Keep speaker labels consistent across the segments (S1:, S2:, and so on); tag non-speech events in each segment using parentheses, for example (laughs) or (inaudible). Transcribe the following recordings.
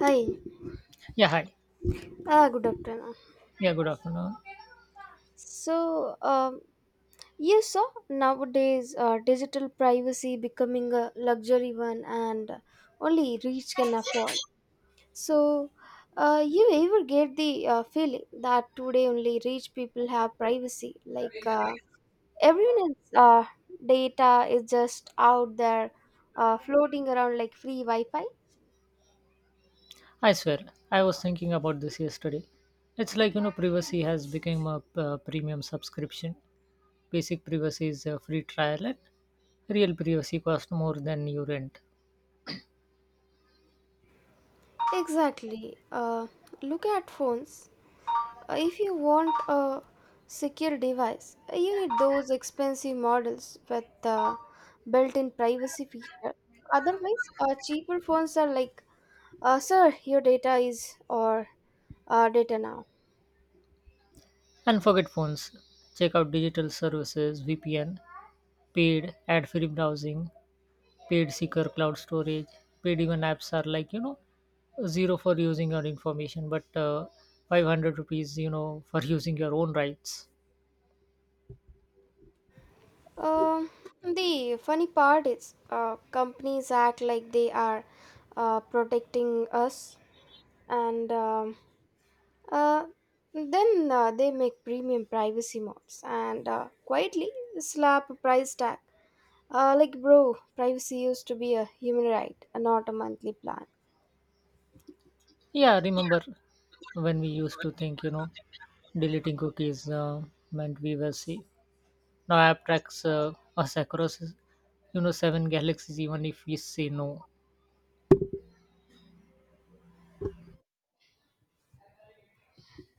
S1: Hi,
S2: Yeah, hi.
S1: ah, good afternoon.
S2: Yeah, good afternoon.
S1: So, um, yes, sir, nowadays digital privacy becoming a luxury one and only rich can afford. So, you ever get the feeling that today only rich people have privacy? Like everyone else's data is just out there floating around like free Wi Fi?
S2: I swear, I was thinking about this yesterday. It's like, you know, privacy has become a premium subscription. Basic privacy is a free trial, and real privacy costs more than you rent.
S1: Exactly. Look at phones. If you want a secure device, you need those expensive models with built-in privacy feature. Otherwise, cheaper phones are like, "Sir, your data is or data now."
S2: And forget phones. Check out digital services, VPN, paid ad free browsing, paid secure cloud storage, paid even apps are like, you know, zero for using your information, but 500 rupees, you know, for (laughs) using your own rights.
S1: Um, the funny part is, companies act like they are protecting us, and uh, then they make premium privacy modes and quietly slap a price tag. Like, bro, privacy used to be a human right, and not a monthly plan.
S2: Yeah, remember when we used to think, you know, deleting cookies meant we were safe. Now app tracks us across, you know, seven galaxies even if we say no.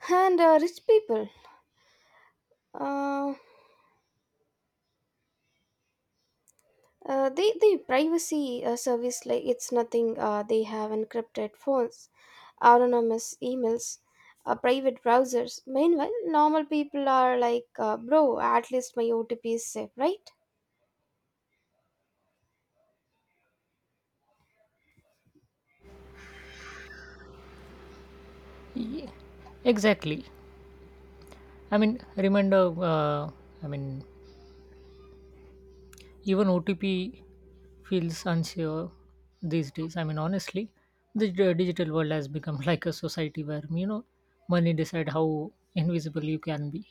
S1: And rich people, uh, they privacy service like it's nothing. They have encrypted phones, anonymous emails, private browsers. Meanwhile, normal people are like, bro, at least my OTP is safe, right?
S2: Yeah, exactly. I mean, remember, uh, I mean, even OTP feels unsure these days. I mean, honestly, the digital world has become (laughs) like a society where, you know, money decide how invisible you can be.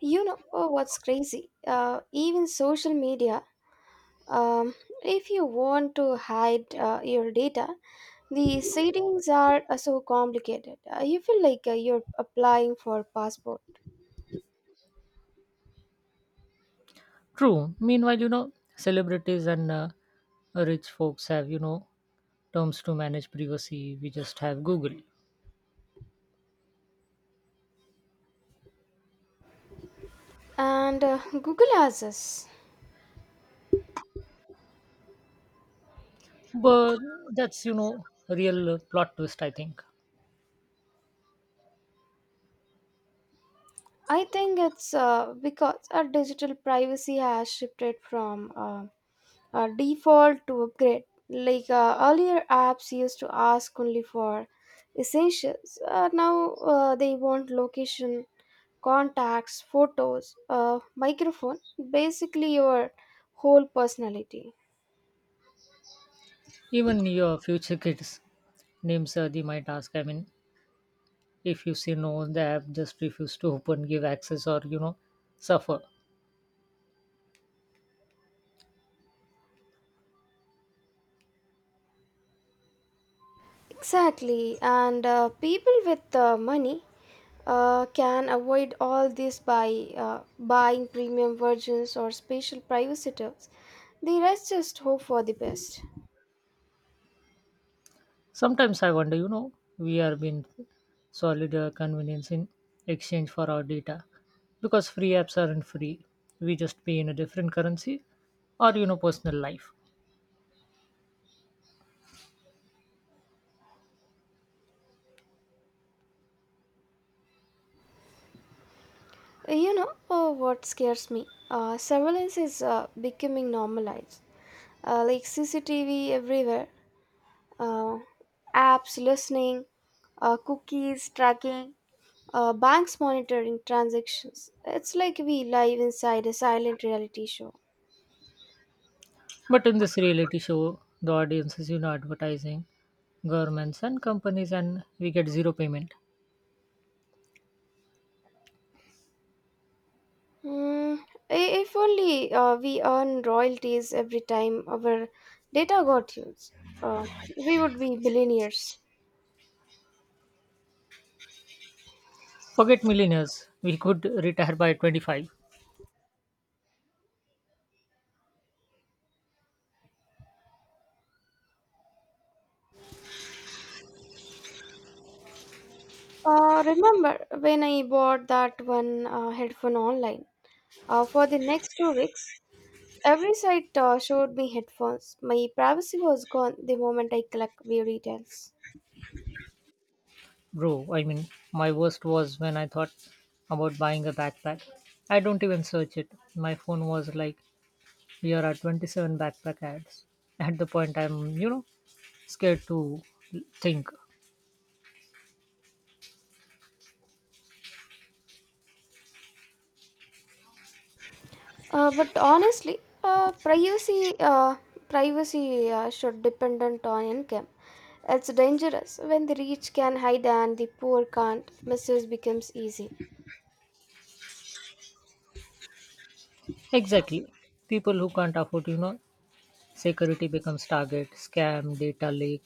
S1: You know what's crazy? Even social media. Um, if you want to hide your data, the settings are so complicated. You feel like you're applying for passport.
S2: True. Meanwhile, you know, celebrities and rich folks have, you know, terms to manage privacy. We just have Google.
S1: And Google has this.
S2: But that's, you know, real plot twist, I think.
S1: I think it's because our digital privacy has shifted from a default to upgrade. Like earlier, apps used to ask only for essentials. Now they want location contacts, photos, a microphone, basically your whole personality.
S2: Even your future kids' names, they might ask. I mean, if you say no on the app, just refuse to open, give access, or, you know, suffer.
S1: Exactly, and people with money can avoid all this by buying premium versions or special privacy tips. The rest just hope for the best.
S2: Sometimes I wonder, you know, we are being solid convenience in exchange for our data because free apps aren't free. We just pay in a different currency or, you know, personal life.
S1: You know what scares me? Surveillance is becoming normalized. Like CCTV everywhere, uh, apps listening, cookies tracking, banks monitoring transactions. It's like we live inside a silent reality show.
S2: But in this reality show, the audience is, you know, advertising, governments and companies, and we get zero payment.
S1: Hmm. If only we earn royalties every time our data got used, uh, we would be billionaires.
S2: Forget millionaires, we could retire by 25.
S1: Remember when I bought that one headphone online? For the next 2 weeks, every site showed me headphones. My privacy was gone the moment I clicked view details.
S2: Bro, I mean, my worst was when I thought about buying a backpack. I don't even search it. My phone was like, here are 27 backpack ads. At the point, I'm, you know, scared to think.
S1: But honestly, uh, privacy uh, privacy should dependent on income. It's dangerous when the rich can hide and the poor can't. Misuse becomes easy,
S2: Exactly. People who can't afford, you know, security becomes target, scam, data leak,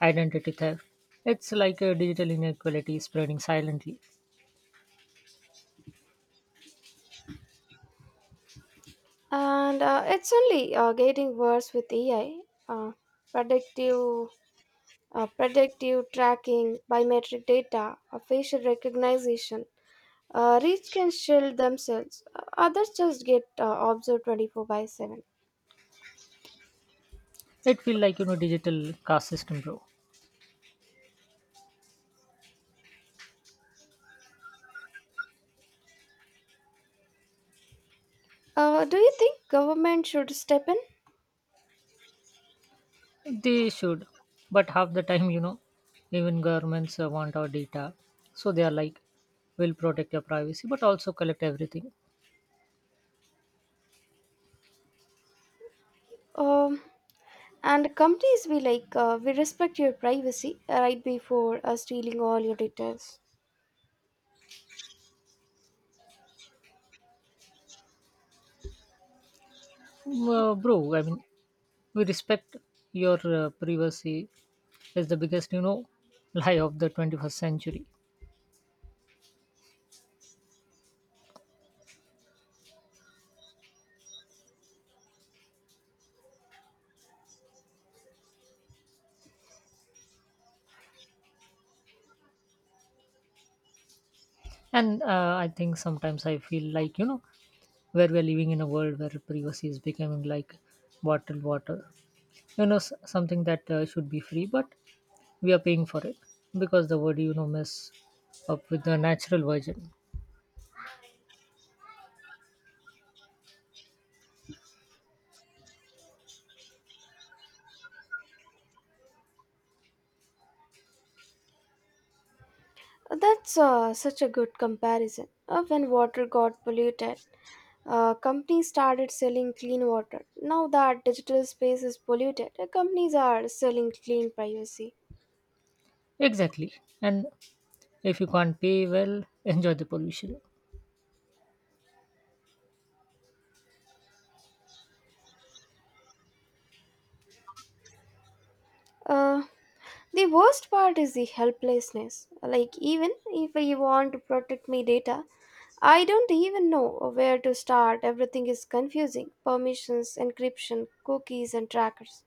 S2: identity theft. It's like a digital inequality spreading silently.
S1: and it's only getting worse with AI. Uh, predictive, uh, predictive tracking, biometric data, facial recognition. Rich can shield themselves. Others just get observed 24 by 7.
S2: It feels like, you know, digital caste system, bro.
S1: Do you think government should step in?
S2: They should. But half the time, you know, even governments want our data. So they are like, we will protect your privacy, but also collect everything.
S1: Um, and companies be like, we respect your privacy right before stealing all your details.
S2: Bro, I mean, we respect your privacy is the biggest, you know, lie of the 21st century, and I think sometimes I feel like, you know, where we're living in a world where privacy is becoming like bottled water, you know, something that should be free, but we are paying for it because the word, you know, mess up with the natural version.
S1: That's such a good comparison. When water got polluted, companies started selling clean water. Now that digital space is polluted, companies are selling clean privacy.
S2: Exactly, and if you can't pay, well, (laughs) enjoy the pollution.
S1: Uh, The worst part is the helplessness. Like, even if I want to protect my data, I don't even know where to start. Everything is confusing permissions, encryption, cookies, and trackers.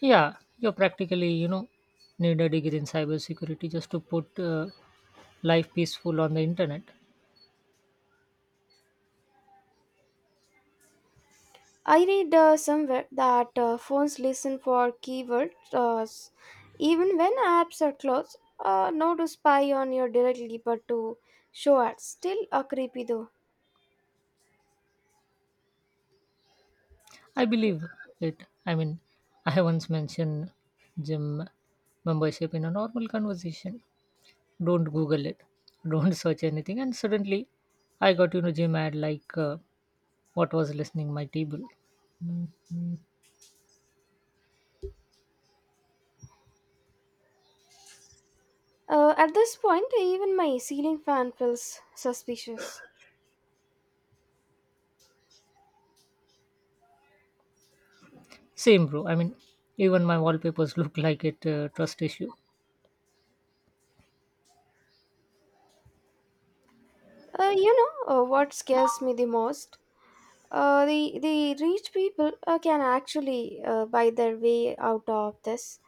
S2: Yeah, you practically, you know, need a degree in cybersecurity just to put life peaceful on the internet.
S1: I read somewhere that phones listen for keywords even when apps are closed, not to spy on you directly but to show ads. Still creepy though.
S2: I believe it. I mean, (laughs) I once mentioned gym membership in a normal conversation. Don't Google it. (laughs) Don't search anything. And suddenly, I got, you know, gym ad like what was listening my table. Mhm.
S1: At this point, even my ceiling fan feels suspicious.
S2: Same, bro. I mean, even my wallpapers (laughs) look like it trust issue.
S1: You know what scares me the most? The rich people can actually buy their way out of this.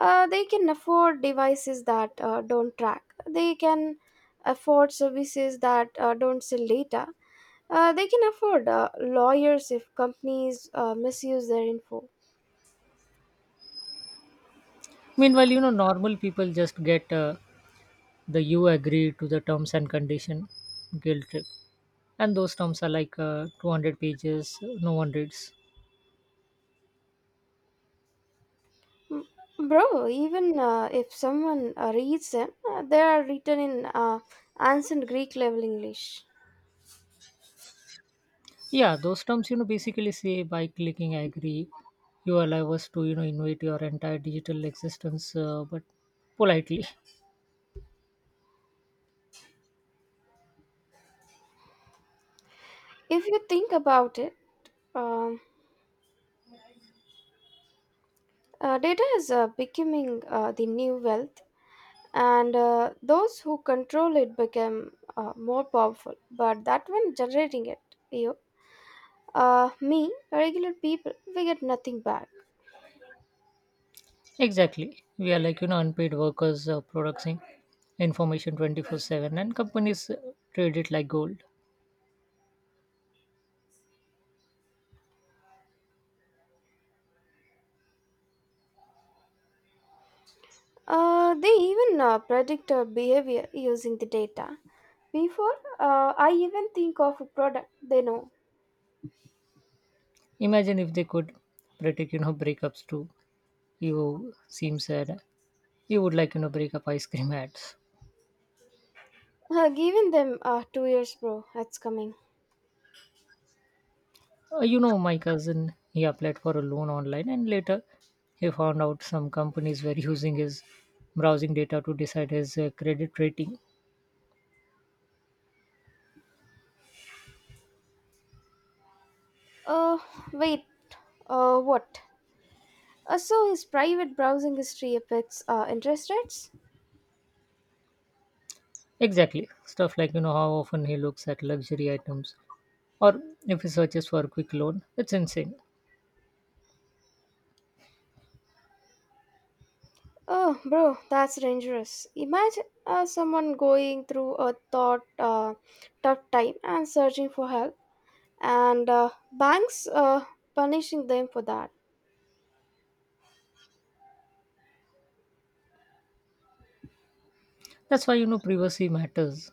S1: They can afford devices that don't track. They can afford services that don't sell data. They can afford lawyers if companies misuse their info.
S2: Meanwhile, you know, normal people just get the you agree to the terms and condition guilt trip, and those terms are like 200 pages no one reads.
S1: M- Bro, even if someone reads them, they are written in ancient Greek level English.
S2: Yeah, those terms, you know, basically say by clicking agree, you allow us to, you know, invade your entire digital existence, but politely.
S1: If you think about it, Um, data is becoming the new wealth, and those who control it become more powerful. But that one generating it, you, me, regular people, we get nothing back.
S2: (laughs) Exactly, we are like, you know, unpaid workers producing information 24/7, and companies trade it like gold.
S1: They even predict our behavior using the data. Before I even think of a product, they know.
S2: Imagine if they could predict, you know, breakups too. You seem sad, you would like, you know, break up ice cream ads.
S1: Giving them 2 years, bro, that's coming.
S2: You know, my cousin, he applied for a loan online and later he found out some companies were using his browsing data to decide his credit rating.
S1: Uh, wait, what? So his private browsing history affects interest rates?
S2: Exactly. Stuff like, you know, how often he looks at luxury items or if he searches for a quick loan. It's insane.
S1: Oh, bro, that's dangerous. Imagine someone going through a thought, tough time and searching for help, and banks punishing them for that.
S2: That's why, you know, privacy matters.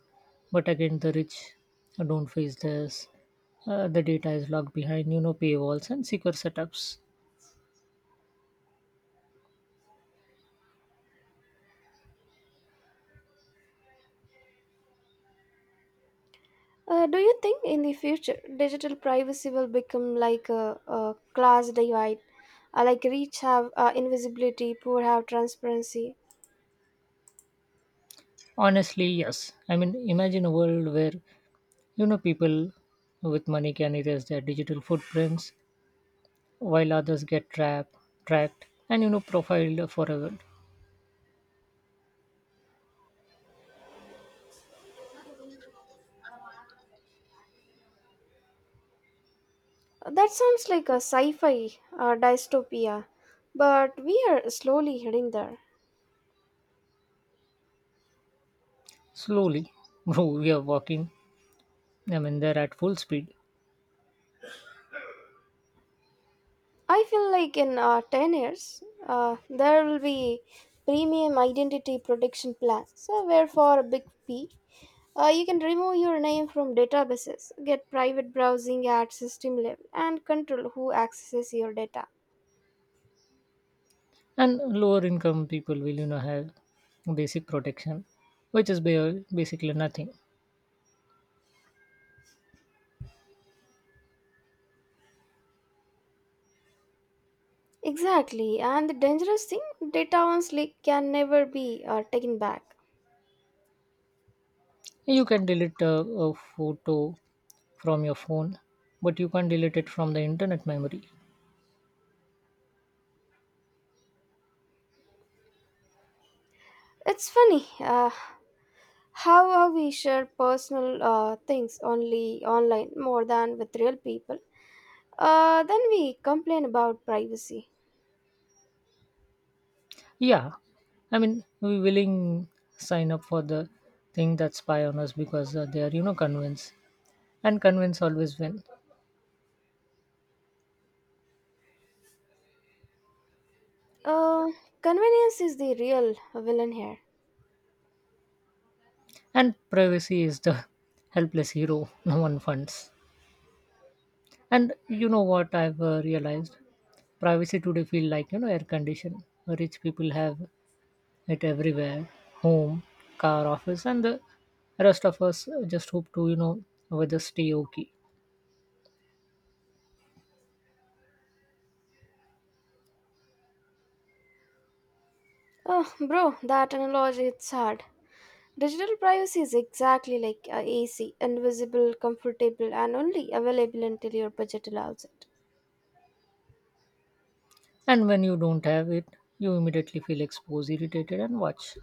S2: But again, the rich don't face this. The data is locked behind, you know, paywalls and secure setups.
S1: Do you think in the future digital privacy will become like a class divide? Like rich have invisibility, poor have transparency.
S2: Honestly, yes. I mean, imagine a world where, you know, people with money can erase their digital footprints while others get trapped, tracked, and, you know, profiled forever.
S1: That sounds like a sci fi dystopia, but we are slowly heading there.
S2: Slowly, (laughs) bro, we are walking. I mean, they're at full speed,
S1: I feel like in 10 years, there will be premium identity protection plans, so where for a big fee, you can remove your name from databases, get private browsing at system level, and control who accesses your data.
S2: and lower income people will, you know, have basic protection, which is basically nothing.
S1: Exactly, and the dangerous thing, data once leaked can never be taken back.
S2: You can delete a photo from your phone, but you can't delete it from the internet memory.
S1: It's funny how we share personal things only online more than with real people. Then we complain about privacy.
S2: Yeah, I mean, we willing sign up for the thing that spy on us because they are, you know, convinced, and convince always win.
S1: Uh, convenience is the real villain here.
S2: And privacy is the (laughs) helpless hero no one funds. And you know what I've realized? Privacy today feel like, you know, air condition. Rich people have it everywhere: home, car, office, and the rest of us just hope to, you know, weather stay okay.
S1: Oh, bro, that analogy it's hard. Digital privacy is exactly like AC, invisible, comfortable, and only available until your budget allows it.
S2: And when you don't have it, you immediately feel exposed, irritated, and watch.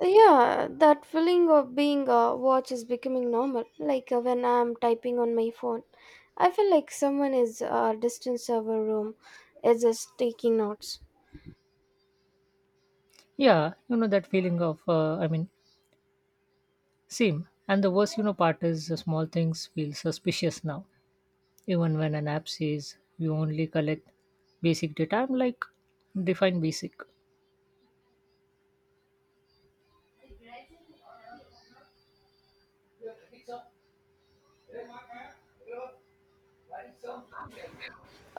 S1: Yeah, that feeling of being watched is becoming normal. Like when I'm typing on my phone, I feel like someone is distant server room is just taking notes.
S2: Yeah, you know that feeling of same. And the worst, you know, part is the small things feel suspicious now. Even when an app says you only collect basic data, I'm like, define basic.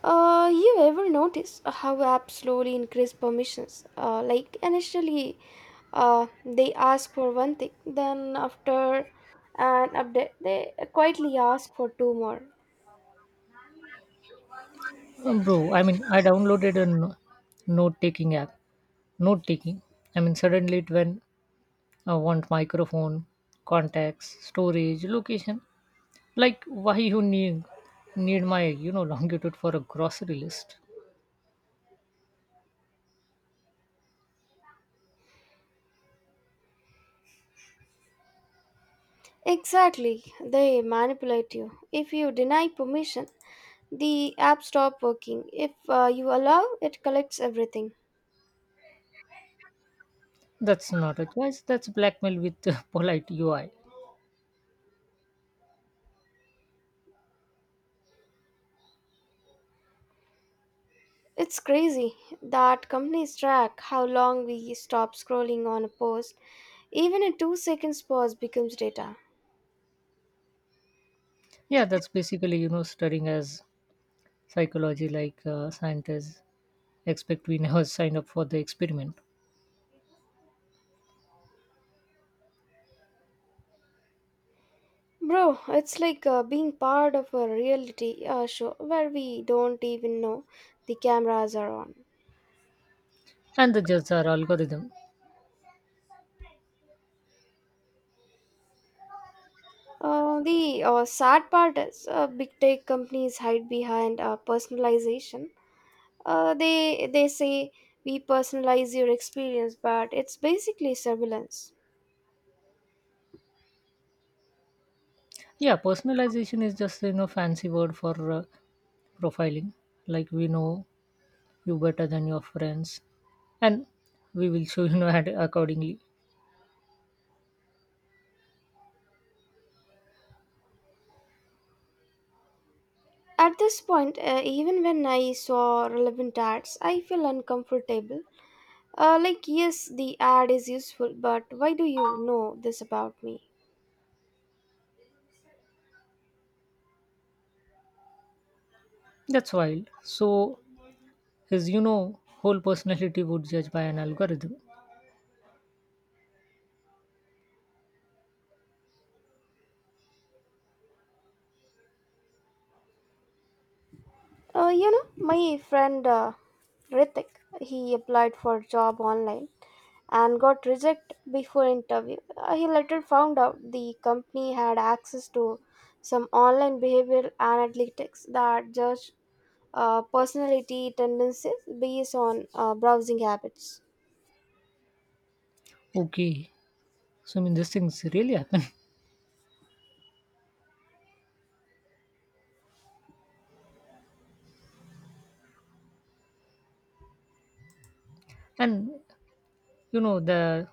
S1: You ever notice how apps slowly increase permissions? Like initially, they ask for one thing, then after an update, they quietly ask for two more.
S2: Bro. I mean, I downloaded a note-taking app. Note-taking. I mean, suddenly it when I want microphone, contacts, storage, location. Like, why you need my, you know, (laughs) longitude for a grocery list?
S1: Exactly, they manipulate you. If you deny permission, the app stopped working. If you allow, it collects everything.
S2: That's not a choice. That's blackmail with (laughs) polite UI.
S1: It's crazy that companies track how long we stop scrolling on a post. Even a 2 seconds pause becomes data.
S2: Yeah, that's basically, you know, studying as psychology like scientists expect we (laughs) never sign up for the experiment,
S1: Bro, it's like being part of a reality show where we don't even know the cameras are on.
S2: and the judges are algorithm.
S1: The sad part is big tech companies hide behind personalization. They say we personalize your experience, but it's basically surveillance.
S2: Yeah, personalization is just, you know, fancy word for profiling. Like we know you better than your friends, and we will show (laughs) you know accordingly.
S1: At this point, even when I saw relevant ads, I feel uncomfortable. Like yes, the ad is useful, but why do you know this about me?
S2: That's wild. So is, you know, whole personality would judge by an algorithm.
S1: You know, my friend Ritik, he applied for a job online and got rejected before interview. He later found out the company had access to some online behavioral analytics that judge. Uh, personality tendencies based on browsing habits.
S2: Okay, so I mean these things really happen. (laughs) And you know the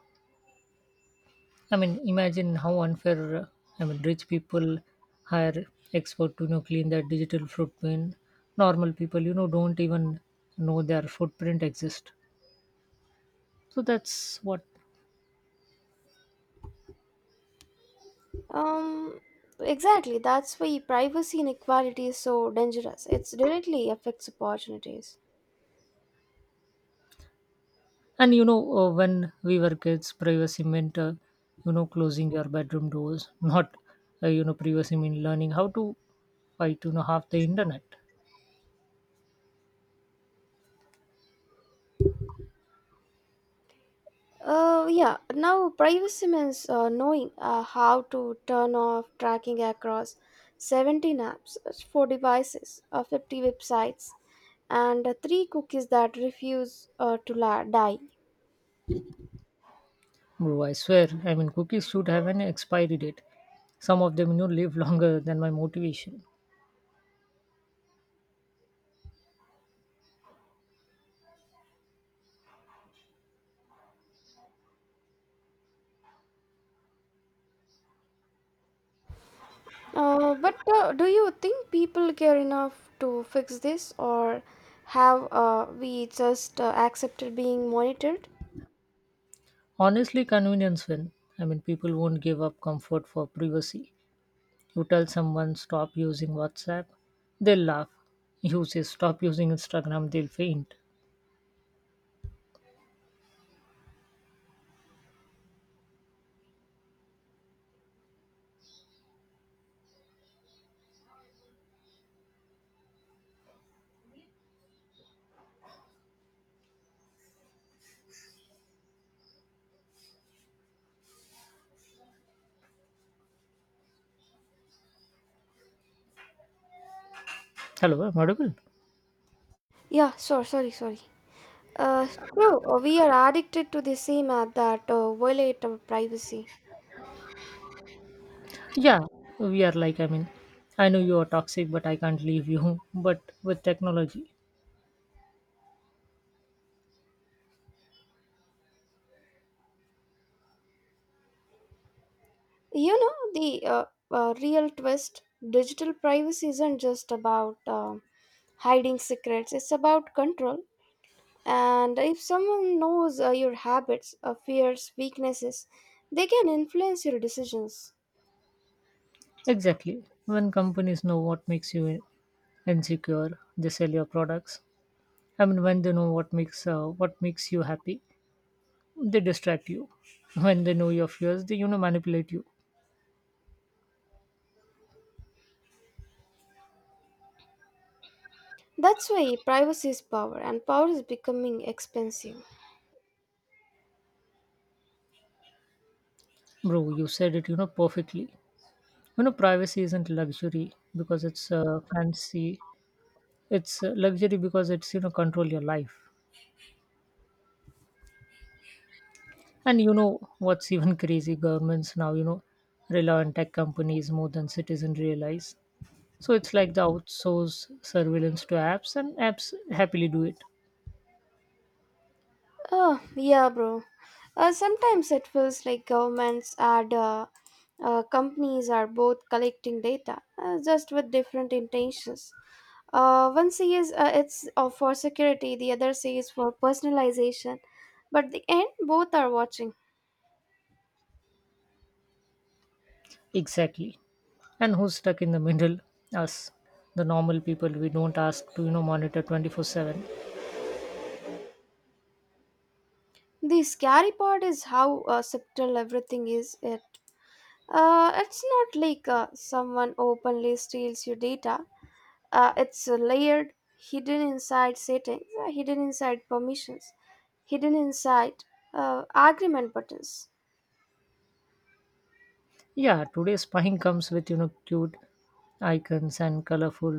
S2: I mean imagine how unfair, I mean rich people hire expert to, you know, clean their digital footprint. Normal people, you know, don't even know their footprint exist. So that's what.
S1: Um, exactly, that's why privacy inequality is so dangerous. It directly affects opportunities.
S2: And you know when we were kids, privacy meant you know closing your bedroom doors, (laughs) not you know privacy mean learning how to fight, you know, half the internet.
S1: Yeah, now privacy means knowing how to turn off tracking across 17 apps, 4 devices, 50 websites, and 3 cookies that refuse die.
S2: Bro, I swear. I mean cookies should have an expiry date. Some of them, you know, live (laughs) longer than my motivation.
S1: But do you think people care enough to fix this, or have we just accepted being monitored?
S2: Honestly, convenience win. I mean, people won't give up comfort for privacy. You tell someone stop using WhatsApp, they'll laugh. You say stop using Instagram, they'll faint. Hello, am I audible?
S1: Yeah, sure, sorry, sorry. Uh, true, we are addicted to the same app that violate our privacy.
S2: Yeah, we are like, I mean, I know you are toxic, but I can't leave you. (laughs) But with technology,
S1: You know, the real twist digital privacy isn't just about hiding secrets, it's about control. And if someone knows your habits, fears, weaknesses, they can influence your decisions.
S2: exactly. When companies know what makes you insecure, they sell your products. I mean, when they know what makes you happy, they distract you. When they know your fears, they, you know, manipulate you.
S1: That's why privacy is power, and power is becoming expensive.
S2: Bro, you said it, you know, perfectly. You know, privacy isn't luxury because it's fancy. It's luxury because it's, you know, control your life. And you know what's even (laughs) crazy? Governments now, you know, rely on tech companies more than citizens realize. So it's like the outsource surveillance to apps, and apps happily do it.
S1: Oh, yeah, bro. Sometimes it feels like governments and companies are both collecting data, just with different intentions. One says it's for security, the other says for personalization. But the end, both are watching.
S2: Exactly. And who's stuck in the middle? Us, the normal people. We don't ask to, you know, monitor 24/7.
S1: The scary part is how subtle everything is. It's not like someone openly steals your data, it's layered, hidden inside settings, hidden inside permissions, hidden inside agreement buttons.
S2: Yeah, today spying comes with, you know, cute icons and colorful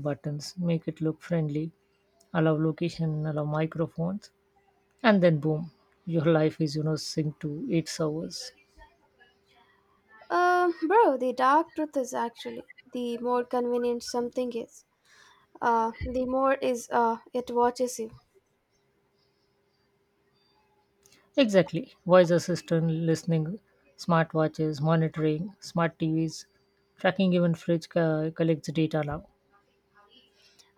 S2: buttons. Make it look friendly. Allow location, allow microphones, and then boom, your life is, you know, synced to eight servers.
S1: Bro, the dark truth is actually the more convenient something is, the more is it watches you.
S2: Exactly. Voice assistant, listening, smartwatches, monitoring, smart TVs, tracking, even fridge collects data now,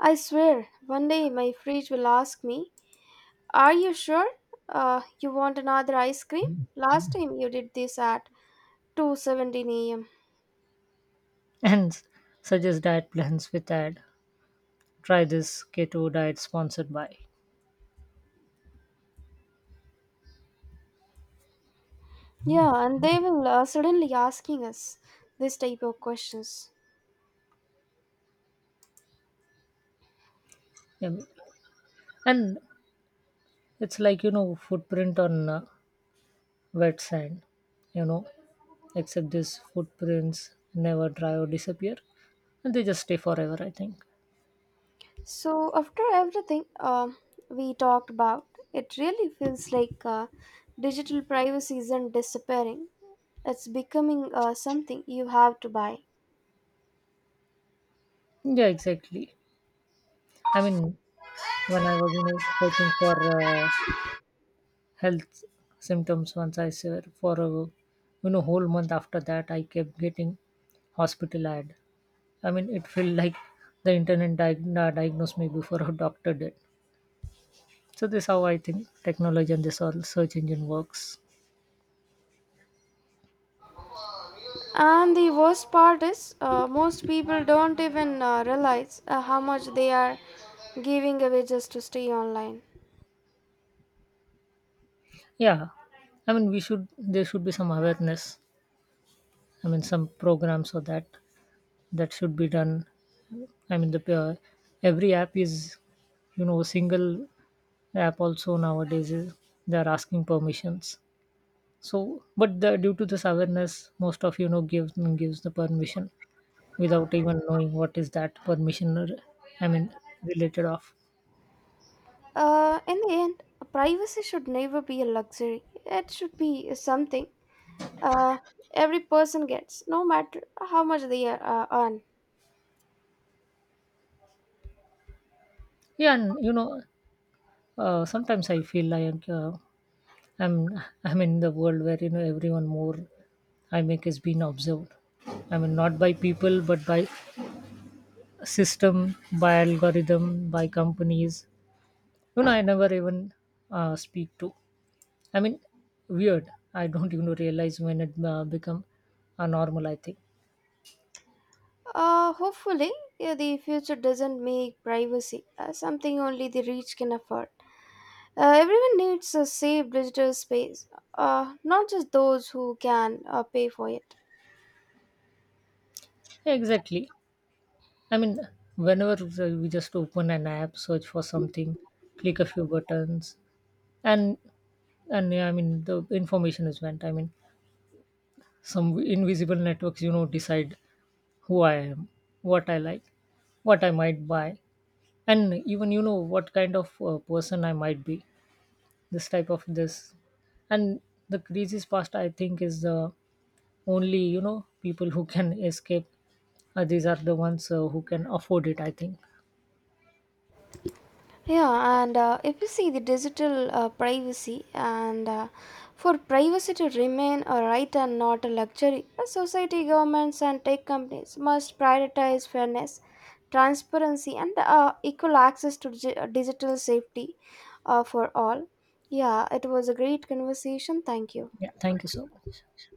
S1: I swear one day my fridge will ask me, are you sure you want another ice cream? Last time you did this at 2:17 a.m.
S2: (laughs) and suggests diet plans with ad. Try this keto diet sponsored by.
S1: Yeah, and they will suddenly asking us this type of questions.
S2: Um, and it's like, you know, footprint on. Wet sand, you know, except these footprints never dry or disappear, and they just stay forever, I think.
S1: So, after everything, we talked about, it really feels like digital privacy isn't disappearing. It's becoming something you have to buy.
S2: Yeah, exactly. I mean, when I was, you know, searching for uh, health symptoms once I saw for a, you know, whole month after that, I kept getting hospital ad. I mean, it felt like the internet diagnosed me before a doctor did. So this how I think technology and this all search engine works.
S1: And the worst part is, most people don't even realize how much they are giving away just to stay online.
S2: Yeah, I mean, we should there should be some awareness. I mean, some programs or that that should be done. I mean, the every app is, you know, a single app also nowadays is they are asking permissions. So, but the, due to this awareness, most of, you know, gives the permission without even knowing what is that permission. Or I mean, related of
S1: In the end, privacy should never be a luxury, it should be something uh, every person gets, no matter how much they are, earn.
S2: yeah, and you know, sometimes I feel like, I'm I'm in the world where, you know, everyone more I make is being observed. I mean, not by people, but by system by algorithm by companies, you know, I never even speak to. I mean, weird, I don't even realize when it become a normal, I think.
S1: Hopefully, yeah, the future doesn't make privacy something only the rich can afford. Everyone needs a safe digital space, not just those who can pay for it.
S2: Yeah, exactly, I mean whenever we just open an app search for something, click a few buttons, and and yeah, I mean the information is went, I mean some invisible networks, you know, decide who I am, what I like, what I might buy, and even, you know, what kind of person I might be, this type of this. And the greasy's pasta I think is the only, you know, people who can escape, these are the ones who can afford it, I think.
S1: Yeah, and if you see the digital privacy and for privacy to remain a right and not a luxury, society, governments, and tech companies must prioritize fairness, transparency, and equal access to digital safety for all. Yeah, it was a great conversation. Thank you.
S2: Yeah, thank you so much.